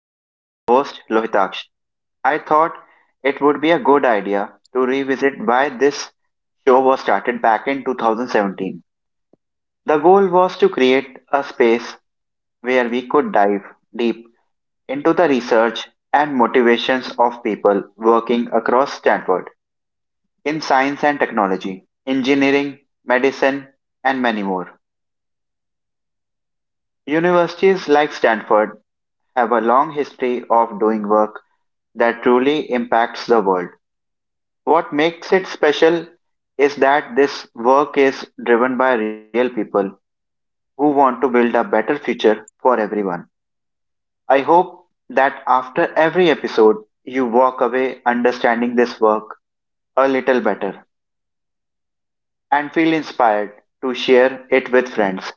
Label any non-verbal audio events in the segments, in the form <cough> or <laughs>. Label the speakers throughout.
Speaker 1: and I'm your host, Lohitaksh. I thought it would be a good idea to revisit why this show was started back in 2017. The goal was to create a space where we could dive deep into the research and motivations of people working across Stanford in science and technology, engineering, medicine, and many more. Universities like Stanford have a long history of doing work that truly impacts the world. What makes it special is that this work is driven by real people who want to build a better future for everyone. I hope that after every episode, you walk away understanding this work a little better and feel inspired to share it with friends,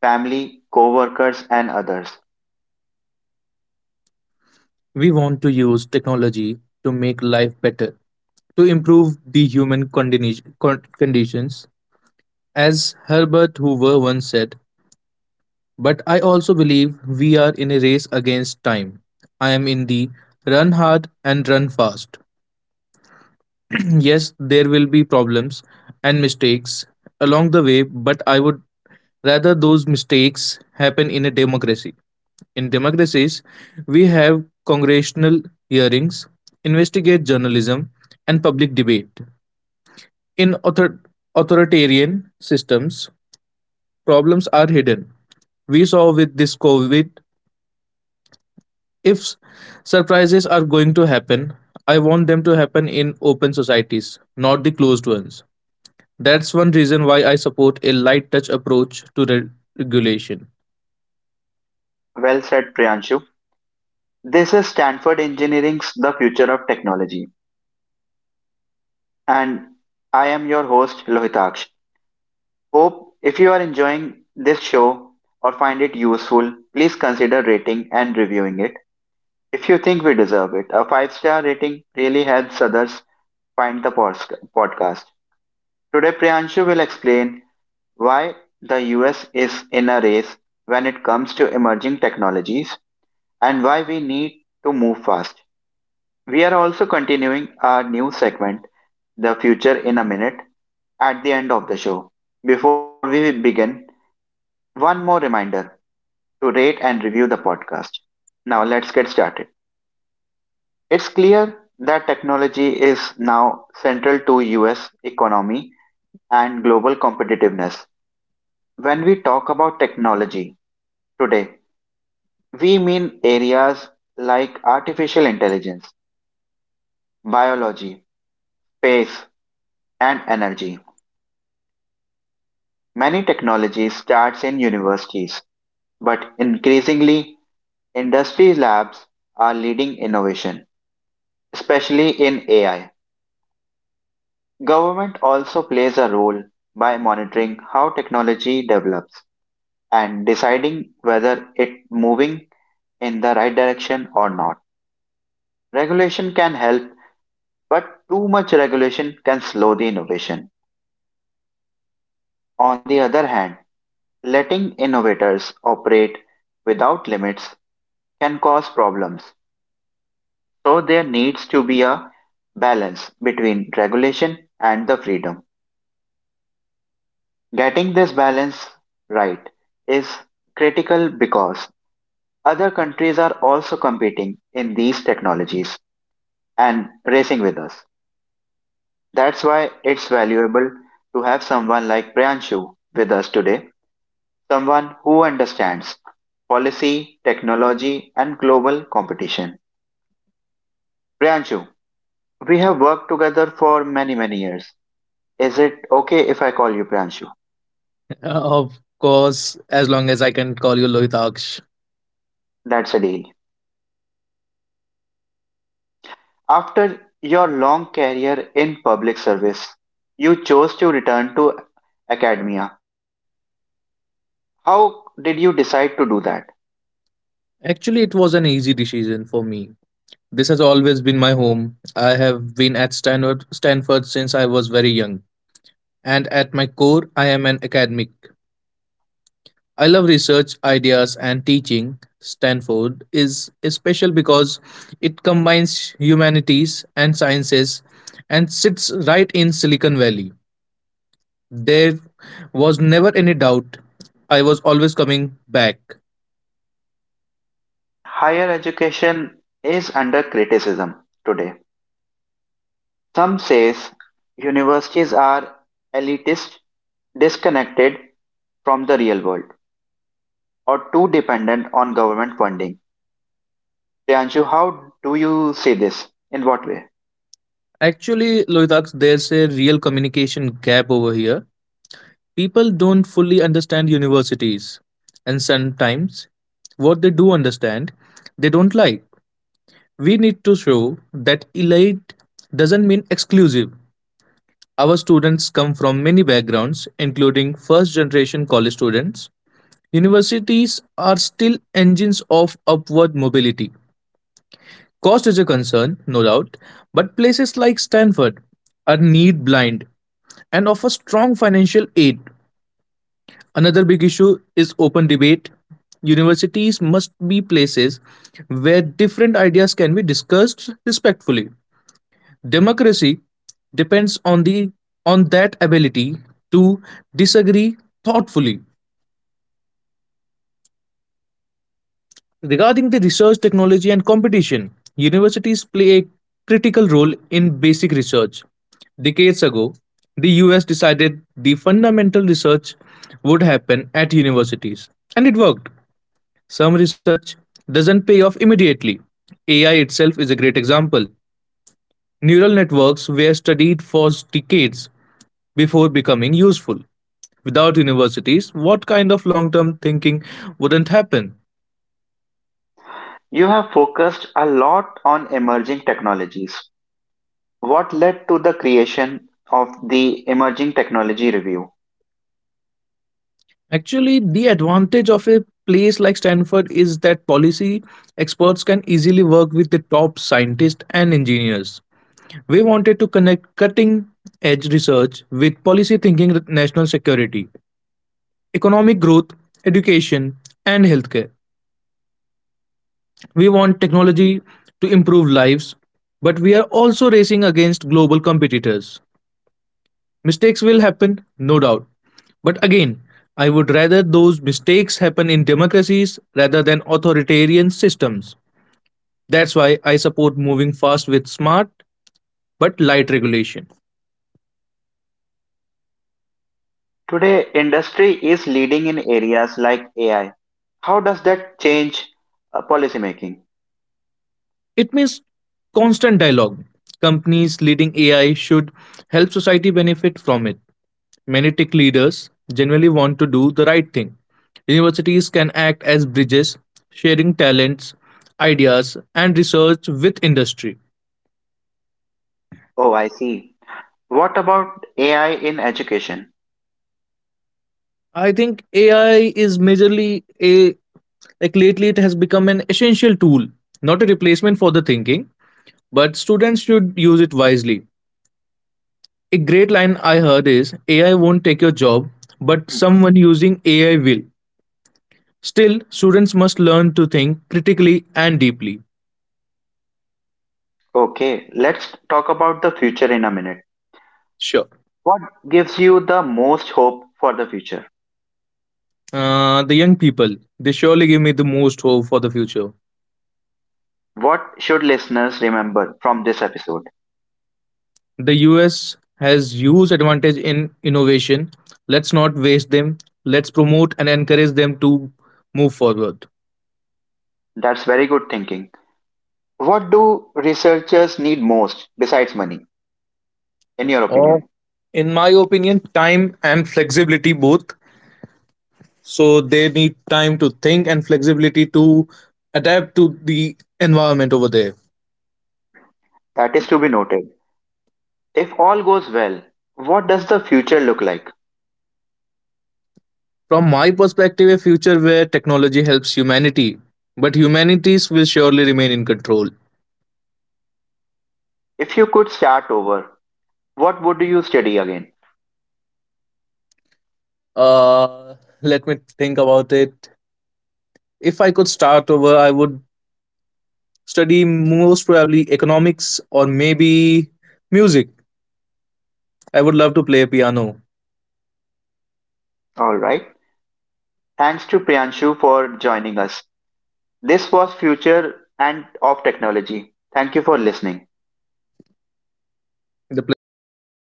Speaker 1: family, co workers, and others.
Speaker 2: We want to use technology to make life better, to improve the human conditions, as Herbert Hoover once said. But I also believe we are in a race against time. I am in the run hard and run fast. <clears throat> Yes, there will be problems and mistakes along the way, but I would rather those mistakes happen in a democracy. In democracies, we have congressional hearings, investigate journalism, and public debate. In authoritarian systems, problems are hidden. We saw with this COVID, if surprises are going to happen, I want them to happen in open societies, not the closed ones. That's one reason why I support a light touch approach to regulation.
Speaker 1: Well said, Priyanshu. This is Stanford Engineering's The Future of Technology. And I am your host Lohitaksh. Hope if you are enjoying this show or find it useful, please consider rating and reviewing it if you think we deserve it. A five-star rating really helps others find the podcast. Today, Priyanshu will explain why the US is in a race when it comes to emerging technologies and why we need to move fast. We are also continuing our new segment, The Future in a Minute, at the end of the show. Before we begin, one more reminder to rate and review the podcast. Now let's get started. It's clear that technology is now central to US economy and global competitiveness. When we talk about technology today, we mean areas like artificial intelligence, biology, space, and energy. Many technologies starts in universities, but increasingly industry labs are leading innovation, especially in AI. Government also plays a role by monitoring how technology develops and deciding whether it moving in the right direction or not. Regulation can help, but too much regulation can slow the innovation. On the other hand, letting innovators operate without limits can cause problems. So there needs to be a balance between regulation and the freedom. Getting this balance right is critical because other countries are also competing in these technologies and racing with us. That's why it's valuable to have someone like Priyanshu with us today, someone who understands policy, technology, and global competition. Priyanshu, we have worked together for many, many years. Is it okay if I call you Pranshu?
Speaker 2: <laughs> Of course, as long as I can call you Lohitaksh.
Speaker 1: That's a deal. After your long career in public service, you chose to return to academia. How did you decide to do that?
Speaker 2: Actually, it was an easy decision for me. This has always been my home. I have been at Stanford since I was very young, and at my core, I am an academic. I love research, ideas, and teaching. Stanford is special because it combines humanities and sciences and sits right in Silicon Valley. There was never any doubt. I was always coming back.
Speaker 1: Higher education is under criticism today. Some says universities are elitist, disconnected from the real world, or too dependent on government funding. Priyanshu, how do you see this? In what way?
Speaker 2: Actually, Loitax, there's a real communication gap over here. People don't fully understand universities, and sometimes what they do understand, they don't like. We need to show that elite doesn't mean exclusive. Our students come from many backgrounds, including first generation college students. Universities are still engines of upward mobility. Cost is a concern, no doubt, but places like Stanford are need blind and offer strong financial aid. Another big issue is open debate. Universities must be places where different ideas can be discussed respectfully. Democracy depends on the on that ability to disagree thoughtfully. Regarding the research technology and competition, universities play a critical role in basic research. Decades ago, the US decided the fundamental research would happen at universities, and it worked. Some research doesn't pay off immediately. AI itself is a great example. Neural networks were studied for decades before becoming useful. Without universities, what kind of long term thinking wouldn't happen?
Speaker 1: You have focused a lot on emerging technologies. What led to the creation of the Emerging Technology Review?
Speaker 2: Actually, the advantage of a place like Stanford is that policy experts can easily work with the top scientists and engineers. We wanted to connect cutting edge research with policy thinking national security economic growth, education, and healthcare. We want technology to improve lives, but we are also racing against global competitors. Mistakes will happen, no doubt. But again, I would rather those mistakes happen in democracies rather than authoritarian systems. That's why I support moving fast with smart but light regulation.
Speaker 1: Today, industry is leading in areas like AI. How does that change policymaking?
Speaker 2: It means constant dialogue. Companies leading AI should help society benefit from it. Many tech leaders generally want to do the right thing. Universities can act as bridges, sharing talents, ideas, and research with industry.
Speaker 1: Oh, I see. What about AI in education? <clears throat>
Speaker 2: I think AI is majorly a like lately it has become an essential tool, not a replacement for the thinking, but students should use it wisely. A great line I heard is AI won't take your job, but someone using AI will. Still, students must learn to think critically and deeply.
Speaker 1: Okay, let's talk about the future in a minute.
Speaker 2: Sure.
Speaker 1: What gives you the most hope for the future?
Speaker 2: The young people, they surely give me the most hope for the future.
Speaker 1: What should listeners remember from this episode?
Speaker 2: The US has huge advantage in innovation. Let's not waste them. Let's promote and encourage them to move forward.
Speaker 1: That's very good thinking. What do researchers need most besides money, in your
Speaker 2: Or,
Speaker 1: opinion?
Speaker 2: in my opinion, time and flexibility both. So they need time to think and flexibility to adapt to the environment over there.
Speaker 1: That is to be noted. If all goes well, what does the future look like?
Speaker 2: From my perspective, a future where technology helps humanity, but humanities will surely remain in control.
Speaker 1: If you could start over, what would you study again?
Speaker 2: Uh, let me think about it. If I could start over, I would study most probably economics or maybe music. I would love to play piano.
Speaker 1: All right. Thanks to Priyanshu for joining us. This was Future and of Technology. Thank you for listening.
Speaker 2: The pleasure is completely mine.